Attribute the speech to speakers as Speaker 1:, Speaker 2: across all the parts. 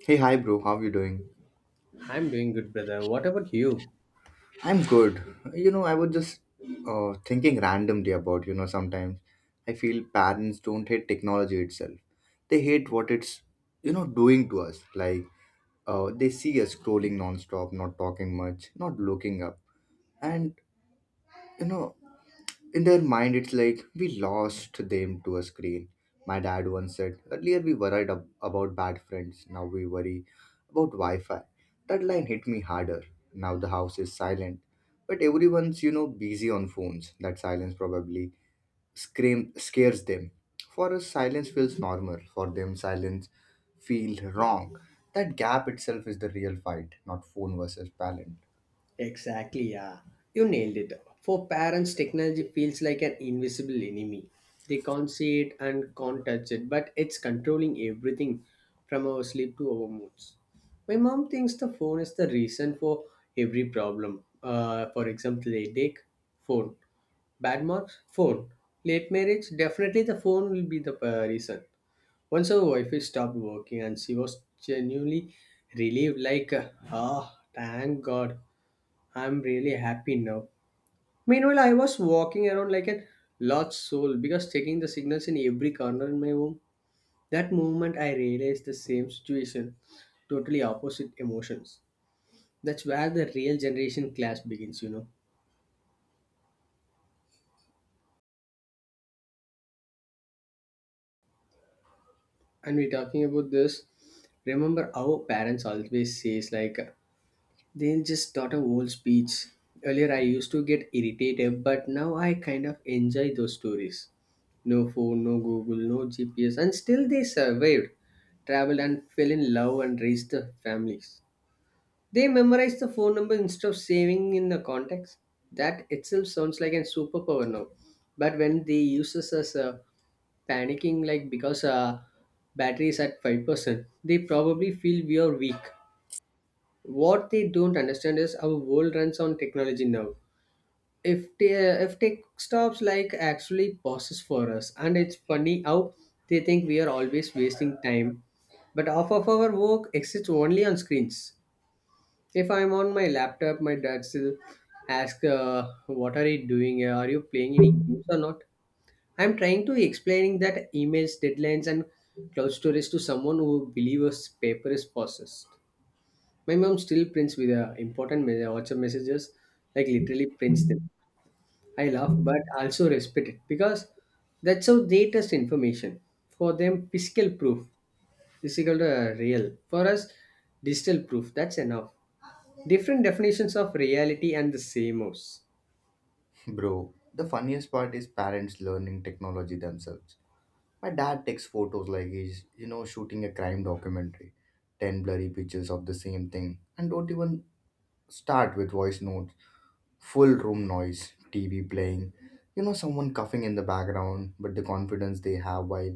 Speaker 1: Hey, hi, bro. How you doing?
Speaker 2: I'm doing good, brother. What about you?
Speaker 1: I'm good. You know, I was just thinking randomly about, you know, sometimes I feel parents don't hate technology itself. They hate what it's, you know, doing to us. Like, they see us scrolling nonstop, not talking much, not looking up. And, you know, in their mind it's like we lost them to a screen. My dad once said, earlier we worried about bad friends, now we worry about wi-fi. That line hit me harder. Now the house is silent, but everyone's, you know, busy on phones. That silence probably scream scares them. For us silence feels normal, for them silence feels wrong. That gap itself is the real fight, not phone versus parent.
Speaker 2: Exactly, yeah. You nailed it. For parents, technology feels like an invisible enemy. They can't see it and can't touch it, but it's controlling everything from our sleep to our moods. My mom thinks the phone is the reason for every problem. For example, headache, phone. Bad marks, phone. Late marriage, definitely the phone will be the reason. Once her Wi-Fi stopped working and she was genuinely relieved, like, ah, thank God, I'm really happy now. Meanwhile, I was walking around like a lost soul because checking the signals in every corner in my home. That moment, I realized the same situation, totally opposite emotions. That's where the real generation clash begins. And we're talking about this. Remember, our parents always says like they just taught a whole speech. Earlier, I used to get irritated, but now I kind of enjoy those stories. No phone, no Google, no GPS, and still they survived, traveled, and fell in love and raised the families. They memorized the phone number instead of saving in the contacts. That itself sounds like a superpower now. But when they use us as a panicking, like because battery is at 5%, they probably feel we are weak. What they don't understand is our world runs on technology now. If tech stops, like actually pauses for us, and it's funny how they think we are always wasting time. But half of our work exists only on screens. If I'm on my laptop, my dad still asks, "What are you doing? Are you playing any games or not?" I'm trying to explaining that emails, deadlines, and cloud storage to someone who believes paper is processed. My mom still prints with important WhatsApp messages, like literally prints them. I laugh, but also respect it because that's how they test information. For them, physical proof is equal to real. For us, digital proof. That's enough. Different definitions of reality and the same house.
Speaker 1: Bro, the funniest part is parents learning technology themselves. My dad takes photos like he's, you know, shooting a crime documentary. 10 blurry pictures of the same thing. And don't even start with voice notes. Full room noise, TV playing, you know, someone coughing in the background, but the confidence they have while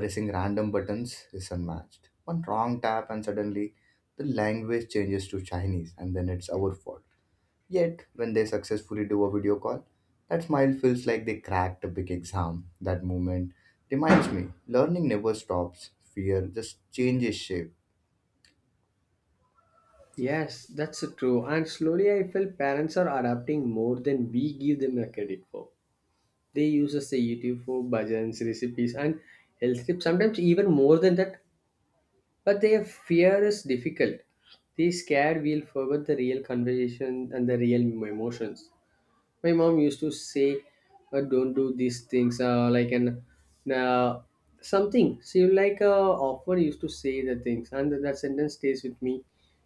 Speaker 1: pressing random buttons is unmatched. One wrong tap and suddenly the language changes to Chinese and then it's our fault. Yet, when they successfully do a video call, that smile feels like they cracked a big exam. That moment reminds me learning never stops, fear just changes shape.
Speaker 2: Yes, that's true. And slowly I feel parents are adapting more than we give them the credit for. They use us the YouTube for bhajans, recipes, and health tips. Sometimes even more than that, but their fear is difficult. They scared we'll forget the real conversation and the real emotions. My mom used to say, don't do these things, like an uh, something she often used to say the things, and that sentence stays with me.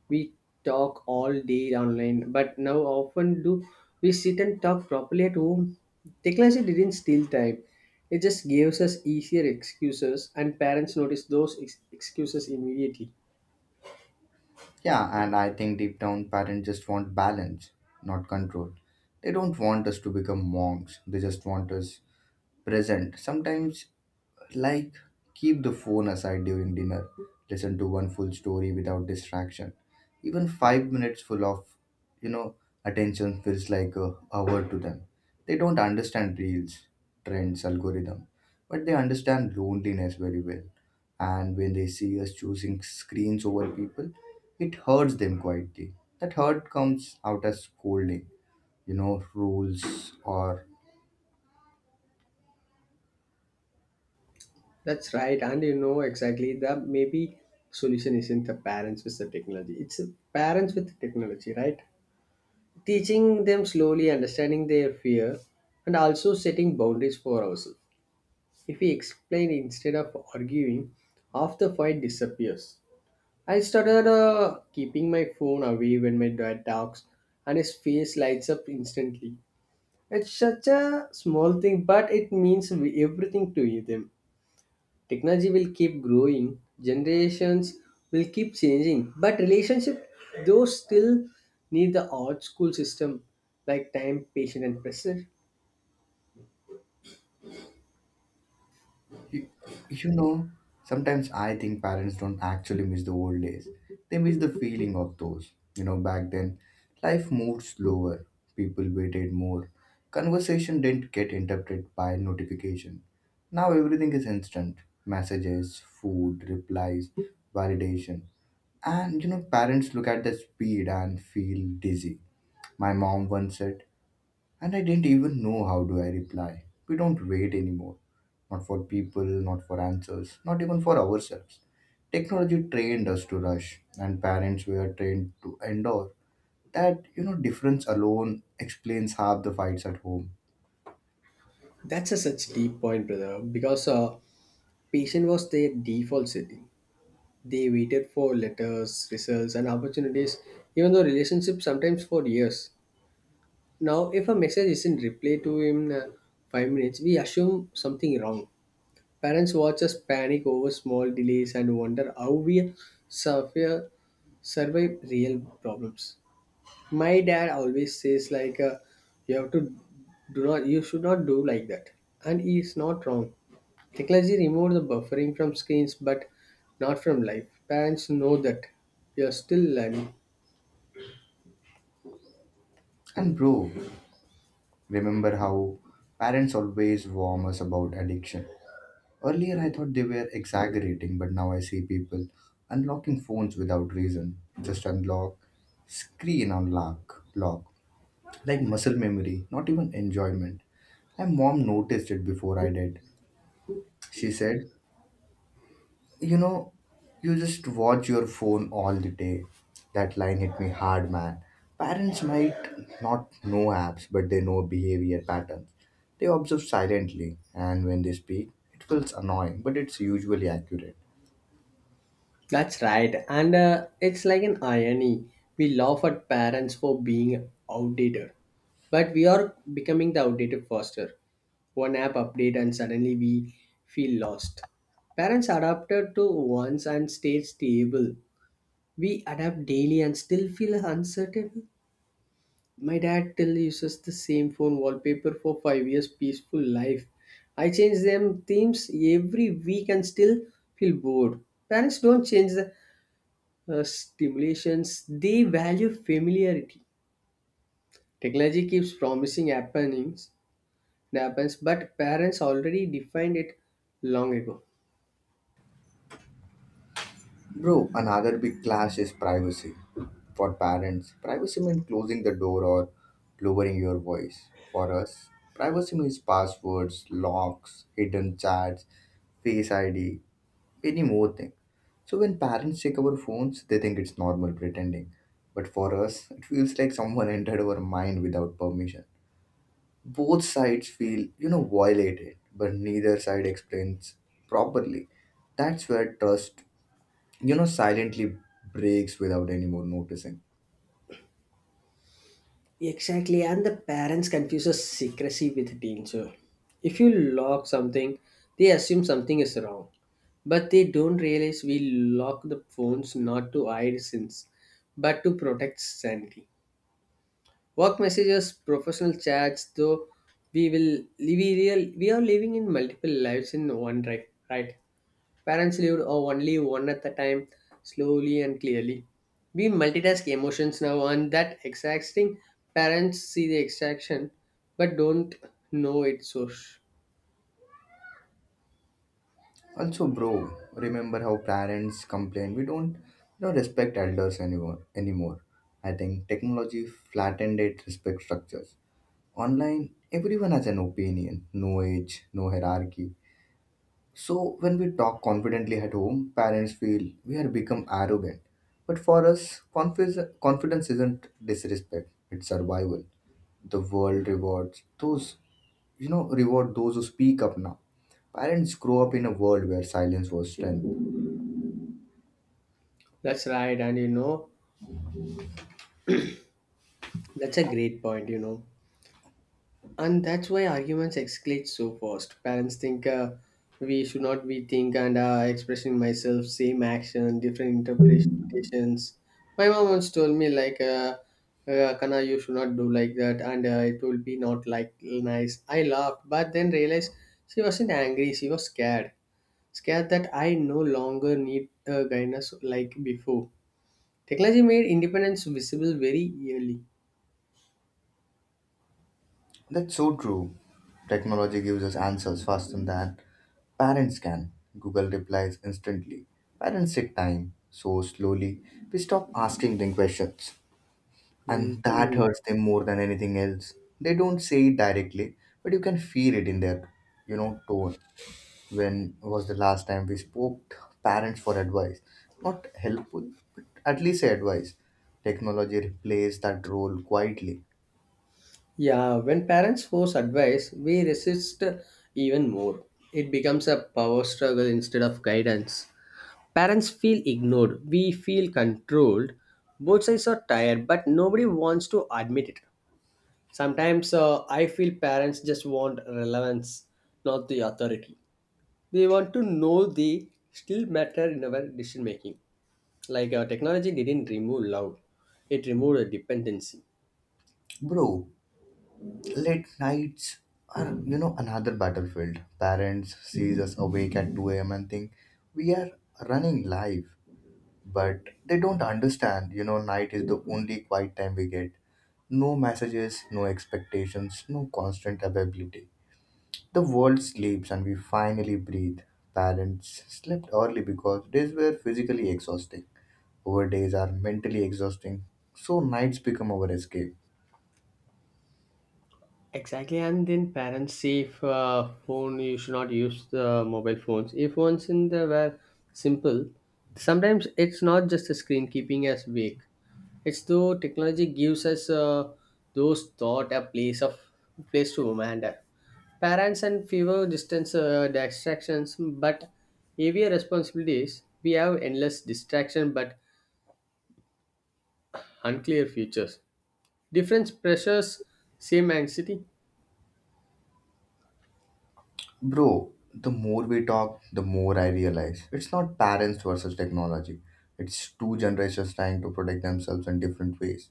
Speaker 2: We talk all day online, but now often do we sit and talk properly at home? Technology didn't steal time, it just gives us easier excuses, and parents notice those excuses immediately.
Speaker 1: Yeah, and I think deep down parents just want balance, not control. They don't want us to become monks, they just want us present. Sometimes, like, keep the phone aside during dinner, listen to one full story without distraction. Even 5 minutes full of, you know, attention feels like a hour to them. They don't understand reels, trends, algorithm, but they understand loneliness very well. And when they see us choosing screens over people, it hurts them quietly. That hurt comes out as scolding, you know, rules or...
Speaker 2: That's right, and exactly, that maybe solution isn't the parents with the technology. It's the parents with the technology, right? Teaching them slowly, understanding their fear, and also setting boundaries for ourselves. If we explain instead of arguing, half the fight disappears. I started keeping my phone away when my dad talks, and his face lights up instantly. It's such a small thing, but it means everything to them. Technology will keep growing, generations will keep changing, but relationship those still need the old school system like time, patience, and pressure.
Speaker 1: You, you know, sometimes I think parents don't actually miss the old days. They miss the feeling of those. You know, back then, life moved slower, people waited more, conversation didn't get interrupted by notification. Now everything is instant messages, food, replies, validation. And you know, parents look at the speed and feel dizzy. My mom once said, and I didn't even know how do I reply. We don't wait anymore. Not for people, not for answers, not even for ourselves. Technology trained us to rush, and parents were trained to endure. That, you know, difference alone explains half the fights at home.
Speaker 2: That's a such deep point, brother. Because patient was their default setting. They waited for letters, results, and opportunities, even though relationships sometimes for years. Now, if a message isn't replied to in 5 minutes, we assume something wrong. Parents watch us panic over small delays and wonder how we survive, survive real problems. My dad always says like, you have to do not, you should not do like that, and he is not wrong. Technology removes the buffering from screens, but not from life. Parents know that we are still learning.
Speaker 1: And bro, remember how parents always warn us about addiction. Earlier I thought they were exaggerating, but now I see people unlocking phones without reason. Just unlock, screen unlock, lock, like muscle memory, not even enjoyment. And mom noticed it before I did. She said, you know, you just watch your phone all the day. That line hit me hard, man. Parents might not know apps, but they know behavior patterns. They observe silently, and when they speak, it feels annoying, but it's usually accurate.
Speaker 2: That's right. And it's like an irony. We laugh at parents for being outdated, but we are becoming the outdated faster. One app update, and suddenly we feel lost. Parents adapted to once and stayed stable. We adapt daily and still feel uncertain. My dad still uses the same phone wallpaper for 5 years, peaceful life. I change them themes every week and still feel bored. Parents don't change the stimulations, they value familiarity. Technology keeps promising happenings happens, but parents already defined it long ago.
Speaker 1: Bro, another big clash is privacy. For parents, privacy means closing the door or lowering your voice. For us, privacy means passwords, locks, hidden chats, face ID, many more things. So when parents check our phones, they think it's normal pretending. But for us, it feels like someone entered our mind without permission. Both sides feel, you know, violated, but neither side explains properly. That's where trust, you know, silently breaks without anyone noticing.
Speaker 2: Exactly, and the parents confuses secrecy with danger. If you lock something, they assume something is wrong, but they don't realize we lock the phones not to hide sins but to protect sanity. Work messages, professional chats, though we will we real we are living in multiple lives in one, right, right. Parents lived or only one at a time, slowly and clearly. We multitask emotions now, and that exhausting parents see the extraction but don't know its source.
Speaker 1: Also, bro, remember how parents complain we don't, you know, respect elders anymore. Anymore, I think technology flattened it respect structures. Online, everyone has an opinion, no age, no hierarchy. So when we talk confidently at home, parents feel we have become arrogant. But for us, confis confidence isn't disrespect; it's survival. The world rewards those, you know reward those who speak up now. Parents grow up in a world where silence was strength.
Speaker 2: That's right, and that's a great point. And that's why arguments escalate so fast. Parents think we should not be think and expressing myself, same action, different interpretations. My mom once told me like, Kana, you should not do like that, and it will be not like nice. I laughed, but then realized she wasn't angry. She was scared that I no longer need guidance like before. Technology made independence visible very early.
Speaker 1: That's so true. Technology gives us answers faster than parents can. Google replies instantly, parents take time so slowly. We stop asking them questions,
Speaker 2: Hmm.
Speaker 1: and that
Speaker 2: Hmm.
Speaker 1: hurts them more than anything else. They don't say it directly, but you can feel it in their, you know, tone. When was the last time we spoke parents for advice? Not helpful, but at least advice. Technology replaced that role quietly.
Speaker 2: Yeah, when parents force advice, we resist even more. It becomes a power struggle instead of guidance. Parents feel ignored, we feel controlled. Both sides are tired, but nobody wants to admit it. Sometimes I feel parents just want relevance, not the authority. They want to know they still matter in our decision making. Like technology didn't remove love, it removed a dependency.
Speaker 1: Bro, late nights are, you know, another battlefield. Parents sees us awake at 2 a.m. and think we are running live. But they don't understand, you know, night is the only quiet time we get. No messages, no expectations, no constant availability. The world sleeps and we finally breathe. Parents slept early because days were physically exhausting. Our days are mentally exhausting, so nights become our escape.
Speaker 2: Exactly, and then parents see if phone you should not use the mobile phones. If phones in the were simple, sometimes it's not just the screen keeping us awake. It's though technology gives us those thought a place to wander. Parents and fewer distance distractions, but heavier responsibilities. We have endless distraction, but unclear futures. Different pressures, same anxiety.
Speaker 1: Bro, the more we talk, the more I realize it's not parents versus technology. It's two generations trying to protect themselves in different ways.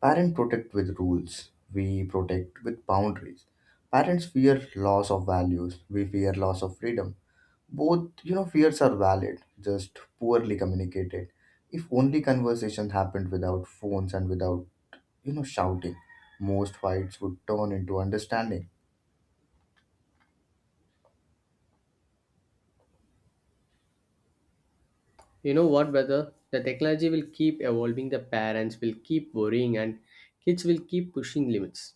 Speaker 1: Parents protect with rules, we protect with boundaries. Parents fear loss of values, we fear loss of freedom. Both, you know, fears are valid, just poorly communicated. If only conversations happened without phones and without, you know, shouting, most fights would turn into understanding.
Speaker 2: You know what brother, the technology will keep evolving, the parents will keep worrying, and kids will keep pushing limits.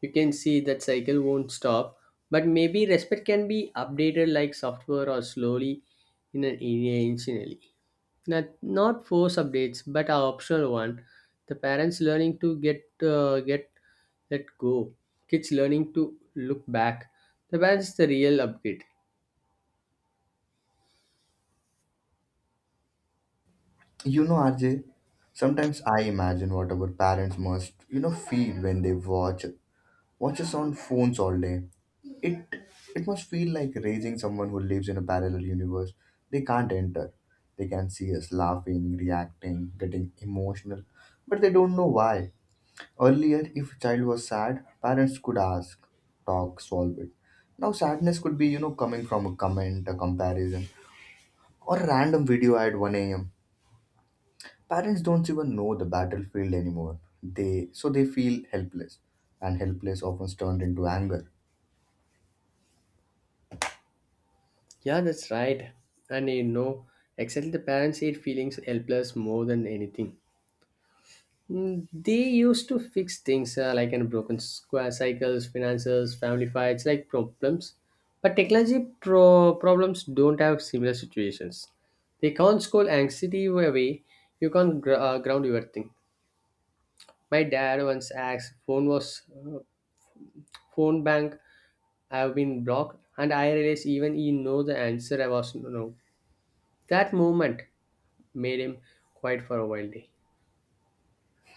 Speaker 2: You can see that cycle won't stop, but maybe respect can be updated like software, or slowly in an intentionally. Not force updates, but a optional one. The parents learning to get let go. Kids learning to look back. The parents is the real upgrade.
Speaker 1: You know, RJ, sometimes I imagine what our parents must, you know, feel when they watch us on phones all day. It it must feel like raising someone who lives in a parallel universe they can't enter. They can see us laughing, reacting, getting emotional, but they don't know why. Earlier, if a child was sad, parents could ask, talk, solve it. Now, sadness could be, you know, coming from a comment, a comparison, or a random video at 1 a.m. Parents don't even know the battlefield anymore. They feel helpless, and helpless often turned into anger.
Speaker 2: Yeah, that's right. And you know, exactly the parents hate feelings helpless more than anything. They used to fix things like in broken square cycles, finances, family fights, like problems. But technology problems don't have similar situations. They can't scold anxiety away. You can't ground your thing. My dad once asked, phone was phone bank. I have been blocked, and I realized even he know the answer. I was no. That moment made him quiet for a while. Day.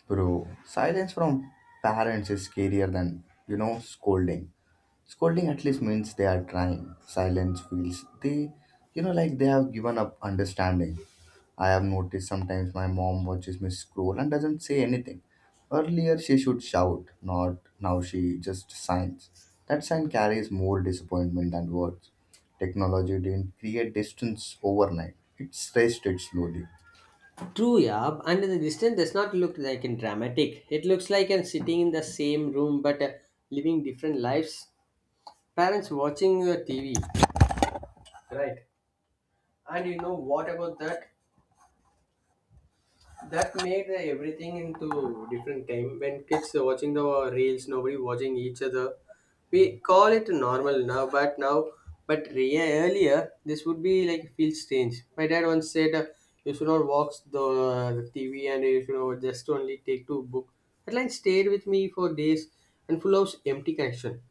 Speaker 1: Bro, silence from parents is scarier than, you know, scolding. Scolding at least means they are trying. Silence feels they, you know, like they have given up understanding. I have noticed sometimes my mom watches me scroll and doesn't say anything. Earlier she should shout, not now she just signs. That sign carries more disappointment than words. Technology didn't create distance overnight, it stretched it slowly.
Speaker 2: True, Yab, and the distance does not look like in dramatic. It looks like I'm sitting in the same room but living different lives. Parents watching TV. Right. And you know what about that? That made everything into different time when kids are watching the reels, nobody watching each other. We call it normal now, but earlier this would be like feel strange. My dad once said, you should not watch the TV and you should not just only take to book. That line stayed with me for days and full of empty connection.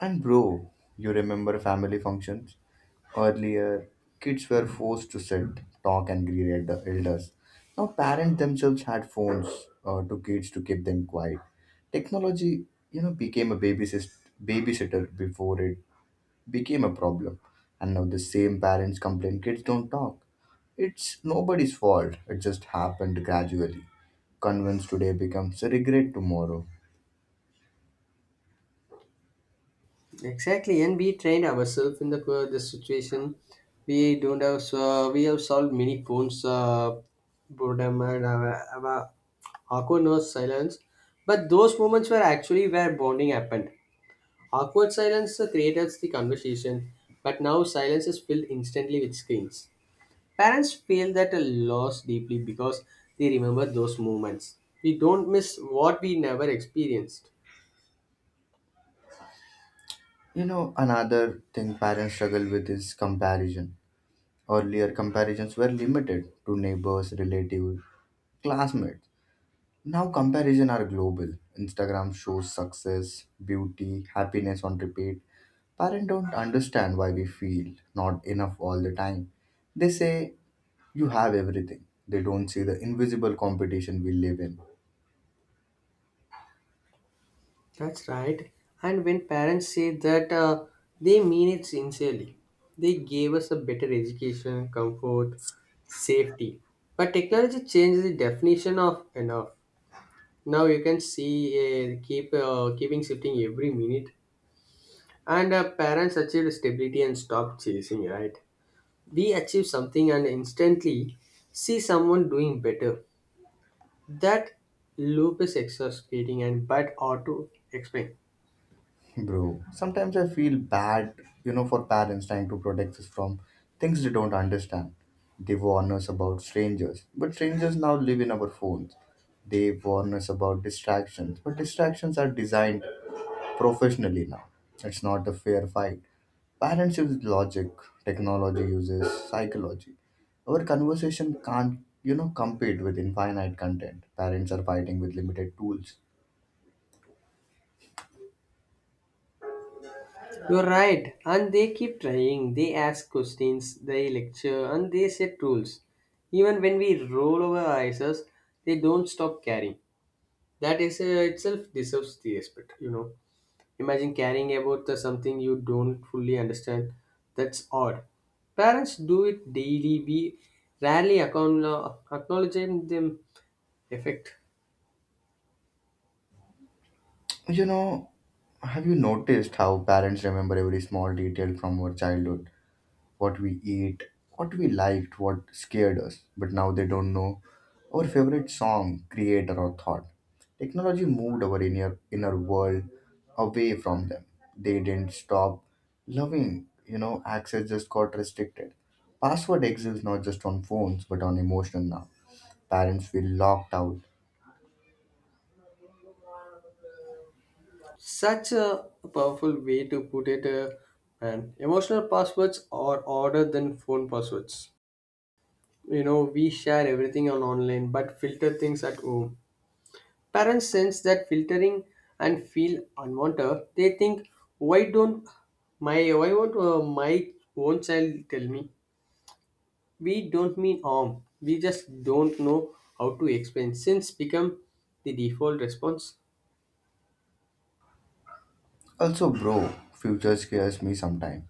Speaker 1: And bro, you remember family functions? Earlier, kids were forced to sit, talk, and greet elders. Now, parents themselves had phones to kids to keep them quiet. Technology, you know, became a babysitter before it became a problem. And now the same parents complain kids don't talk. It's nobody's fault. It just happened gradually. Convince today becomes regret tomorrow.
Speaker 2: Exactly, and we train ourselves in the situation. We don't have we have solved many phones boredom and our awkwardness silence, but those moments were actually where bonding happened. Awkward silence created the conversation, but now silence is filled instantly with screens. Parents feel that a loss deeply because they remember those moments. We don't miss what we never experienced.
Speaker 1: You know, another thing parents struggle with is comparison. Earlier, comparisons were limited to neighbors, relatives, classmates. Now, comparisons are global. Instagram shows success, beauty, happiness on repeat. Parents don't understand why we feel not enough all the time. They say you have everything. They don't see the invisible competition we live in.
Speaker 2: That's right. And when parents say that, they mean it sincerely. They gave us a better education, comfort, safety. But technology changes the definition of enough. Now you can see keeping shifting every minute, and parents achieved stability and stopped chasing. Right? We achieve something and instantly see someone doing better. That loop is exhausting and bad ought to explain.
Speaker 1: Bro, sometimes I feel bad, you know, for parents trying to protect us from things they don't understand. They warn us about strangers, but strangers now live in our phones. They warn us about distractions, but distractions are designed professionally now. It's not a fair fight. Parents use logic, technology uses psychology. Our conversation can't, you know, compete with infinite content. Parents are fighting with limited tools.
Speaker 2: You're right, and they keep trying. They ask questions, they lecture, and they set rules. Even when we roll over our eyes, us, they don't stop carrying. That is itself deserves the respect. You know, imagine caring about the something you don't fully understand. That's odd. Parents do it daily. We rarely acknowledge them effect.
Speaker 1: You know, have you noticed how parents remember every small detail from our childhood? What we eat, what we liked, what scared us, but now they don't know our favorite song, creator, or thought. Technology moved our inner world away from them. They didn't stop loving, you know, access just got restricted. Password exists not just on phones but on emotion now. Parents feel locked out.
Speaker 2: Such a powerful way to put it, and emotional passwords are harder than phone passwords. You know, we share everything on online but filter things at home. Parents sense that filtering and feel unwanted. They think, why don't why won't my own child tell me? We don't mean harm, we just don't know how to explain since become the default response.
Speaker 1: Also, bro, future scares me sometimes.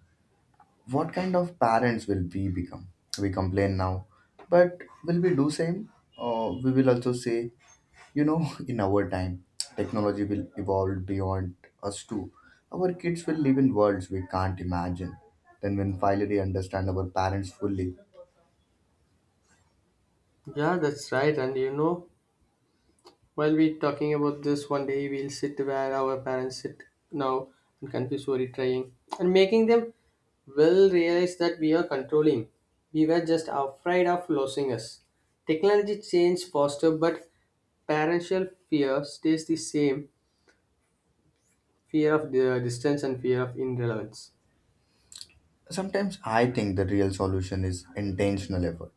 Speaker 1: What kind of parents will we become? We complain now, but will we do same? Or we will also say, you know, in our time, technology will evolve beyond us too. Our kids will live in worlds we can't imagine. Then, when finally understand our parents fully...
Speaker 2: Yeah, that's right, and you know, while we talking about this, one day we'll sit where our parents sit now and confuse worry trying and making them, will realize that we are controlling. We were just afraid of losing us. Technology changes faster, but parental fear stays the same, fear of the distance and fear of irrelevance.
Speaker 1: Sometimes I think the real solution is intentional effort.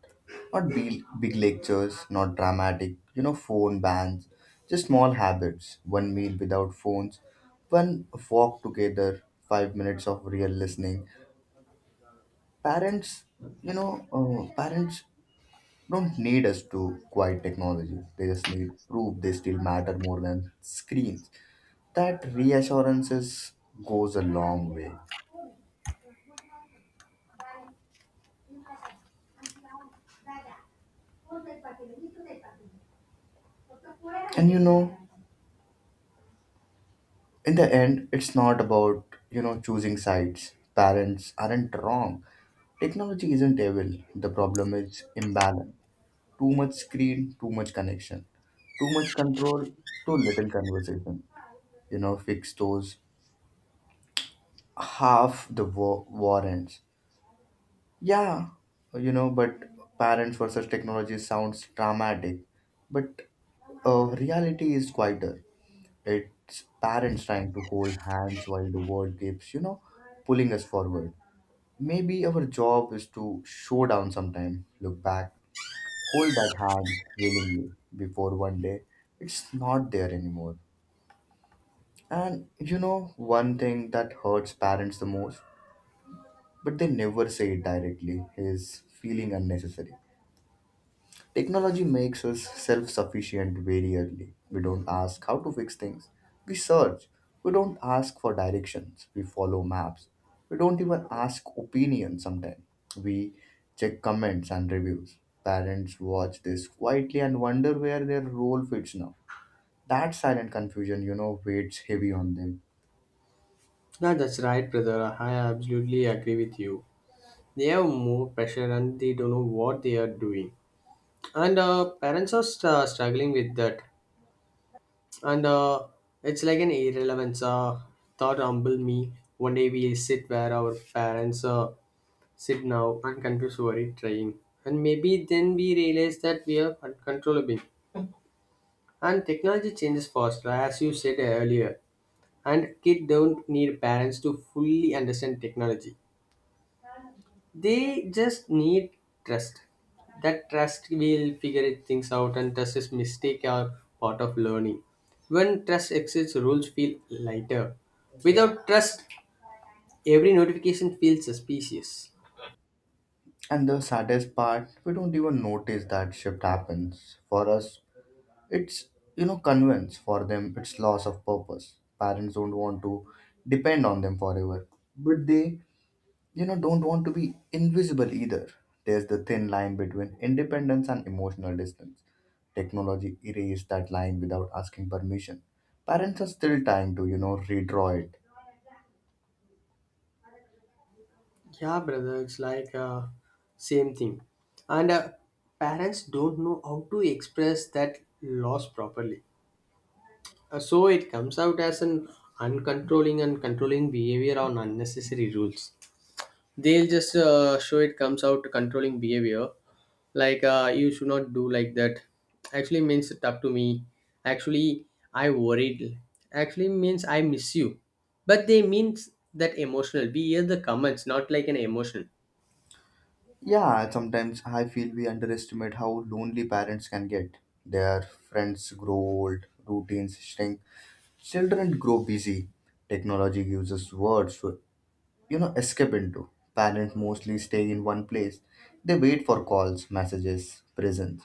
Speaker 1: Not big, big lectures, not dramatic, you know, phone bans, just small habits. One meal without phones, one walk together, 5 minutes of real listening. Parents, parents don't need us to quiet technology. They just need proof they still matter more than screens. That reassurances goes a long way. And you know, in the end it's not about, you know, choosing sides. Parents aren't wrong, technology isn't evil, the problem is imbalance. Too much screen, too much connection, too much control, too little conversation. You know, fix those, half the war ends. Yeah. You know, but parents versus technology sounds dramatic, but reality is quieter. It's parents trying to hold hands while the world keeps, you know, pulling us forward. Maybe our job is to show down sometime, look back, hold that hand willingly before one day it's not there anymore. And you know, one thing that hurts parents the most, but they never say it directly, is feeling unnecessary. Technology makes us self sufficient very early. We don't ask how to fix things, we search. We don't ask for directions, we follow maps. We don't even ask opinions sometimes. We check comments and reviews. Parents watch this quietly and wonder where their role fits now. That silent confusion, you know, weighs heavy on them.
Speaker 2: Yeah, that's right, brother. I absolutely agree with you. They have more pressure and they don't know what they are doing. And Parents are struggling with that. And it's like an irrelevance thought humble me, one day we sit where our parents sit now and confuse worry trying, and maybe then we realize that we are uncontrollable. And technology changes faster, as you said earlier, and kids don't need parents to fully understand technology. They just need trust, that trust will figure it things out, and trust is mistake are part of learning. When trust exists, rules feel lighter. Without trust, every notification feels suspicious.
Speaker 1: And the saddest part, we don't even notice that shift happens. For us, it's, you know, convenience; for them, it's loss of purpose. Parents don't want to depend on them forever, but they, you know, don't want to be invisible either. There's the thin line between independence and emotional distance. Technology erased that line without asking permission. Parents are still trying to, you know, redraw it.
Speaker 2: Yeah, brother, it's like same thing. And parents don't know how to express that loss properly. So it comes out as an uncontrolling and controlling behavior on unnecessary rules. They'll just show it comes out to controlling behavior, like you should not do like that actually means it up to me. Actually, I worried actually means I miss you, but they means that emotional. We hear the comments, not like an emotion.
Speaker 1: Yeah, sometimes I feel we underestimate how lonely parents can get. Their friends grow old, routines shrink, children grow busy. Technology gives us words to, you know, escape into. Parents mostly stay in one place. They wait for calls, messages, presents.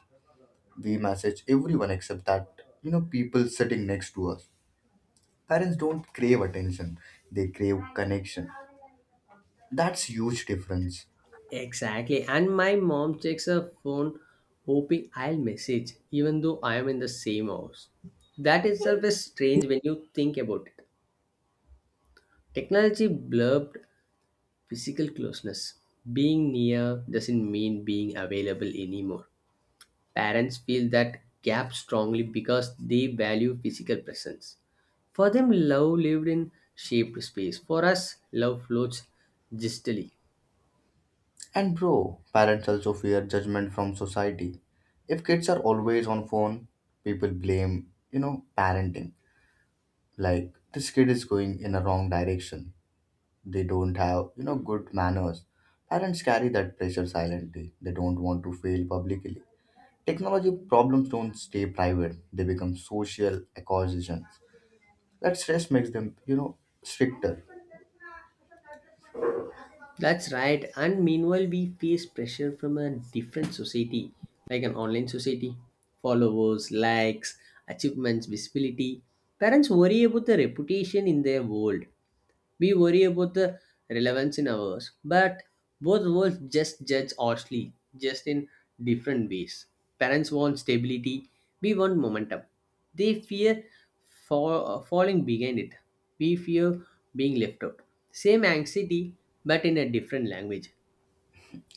Speaker 1: We message everyone except that, you know, people sitting next to us. Parents don't crave attention, they crave connection. That's huge difference.
Speaker 2: Exactly. And my mom checks her phone hoping I'll message even though I am in the same house. That itself is strange when you think about it. Technology blurred physical closeness. Being near doesn't mean being available anymore. Parents feel that gap strongly because they value physical presence. For them, love lived in shaped space. For us, love floats distally.
Speaker 1: And bro, parents also fear judgment from society. If kids are always on phone, people blame, you know, parenting. Like this kid is going in a wrong direction, they don't have, you know, good manners. Parents carry that pressure silently, they don't want to fail publicly. Technology problems don't stay private, they become social acquisitions. That stress makes them, you know, stricter.
Speaker 2: That's right. And meanwhile, we face pressure from a different society, like an online society. Followers, likes, achievements, visibility. Parents worry about the reputation in their world. We worry about the relevance in ours, but both worlds just judge harshly, just in different ways. Parents want stability, we want momentum. They fear for, falling behind it, we fear being left out. Same anxiety, but in a different language.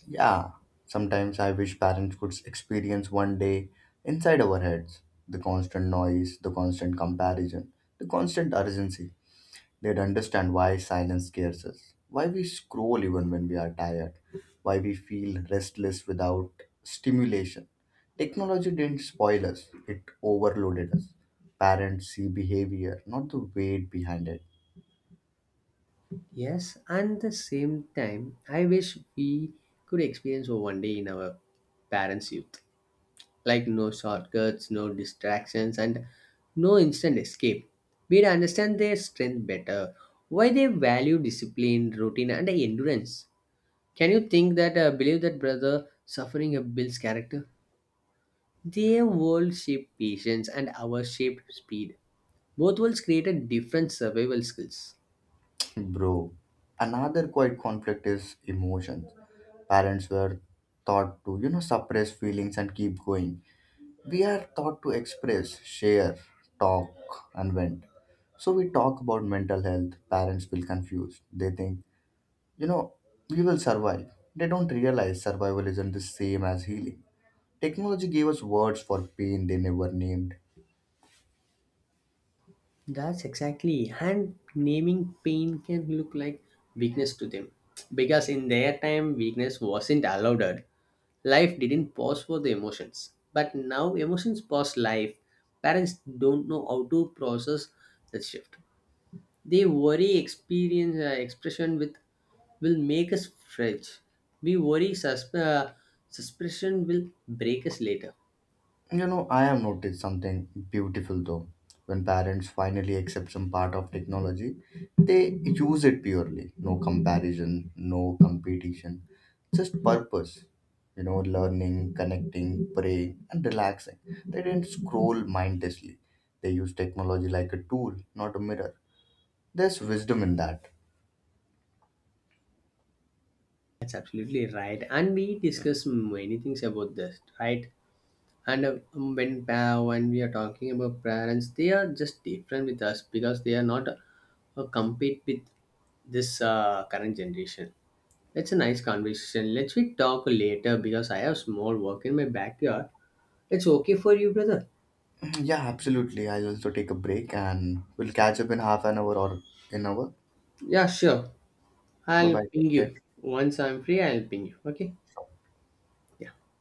Speaker 1: Yeah, sometimes I wish parents could experience one day inside our heads the constant noise, the constant comparison, the constant urgency. They'd understand why silence scares us, why we scroll even when we are tired, why we feel restless without stimulation. Technology didn't spoil us, it overloaded us. Parents see behavior, not the weight behind it.
Speaker 2: Yes, and the same time, I wish we could experience one day in our parents' youth. Like no shortcuts, no distractions, and no instant escape. We'd understand their strength better, why they value discipline, routine, and endurance. Can you think that, believe that, brother, suffering builds character? Their world shaped patience and our shaped speed. Both worlds created different survival skills.
Speaker 1: Bro, another quiet conflict is emotions. Parents were taught to, you know, suppress feelings and keep going. We are taught to express, share, talk, and vent. So we talk about mental health, parents feel confused. They think, you know, we will survive. They don't realize survival isn't the same as healing. Technology gave us words for pain they never named.
Speaker 2: That's exactly. And naming pain can look like weakness to them. Because in their time, weakness wasn't allowed. Life didn't pause for the emotions. But now, emotions pause life. Parents don't know how to process that shift. They worry experience expression with will make us fragile. We worry suspicion will break us later.
Speaker 1: You know, I have noticed something beautiful though. When parents finally accept some part of technology, they use it purely. No comparison, no competition, just purpose. You know, learning, connecting, praying, and relaxing. They didn't scroll mindlessly. They use technology like a tool, not a mirror. There's wisdom in that.
Speaker 2: That's absolutely right. And we discuss many things about this, right? When we are talking about parents, they are just different with us because they are not compete with this current generation. That's a nice conversation, let's we talk later because I have small work in my backyard. It's okay for you, brother?
Speaker 1: Yeah, absolutely. I'll also take a break and we'll catch up in half an hour or an hour.
Speaker 2: Yeah, sure.
Speaker 1: Bye bye. Take care.
Speaker 2: I'll ping you, okay? Yeah.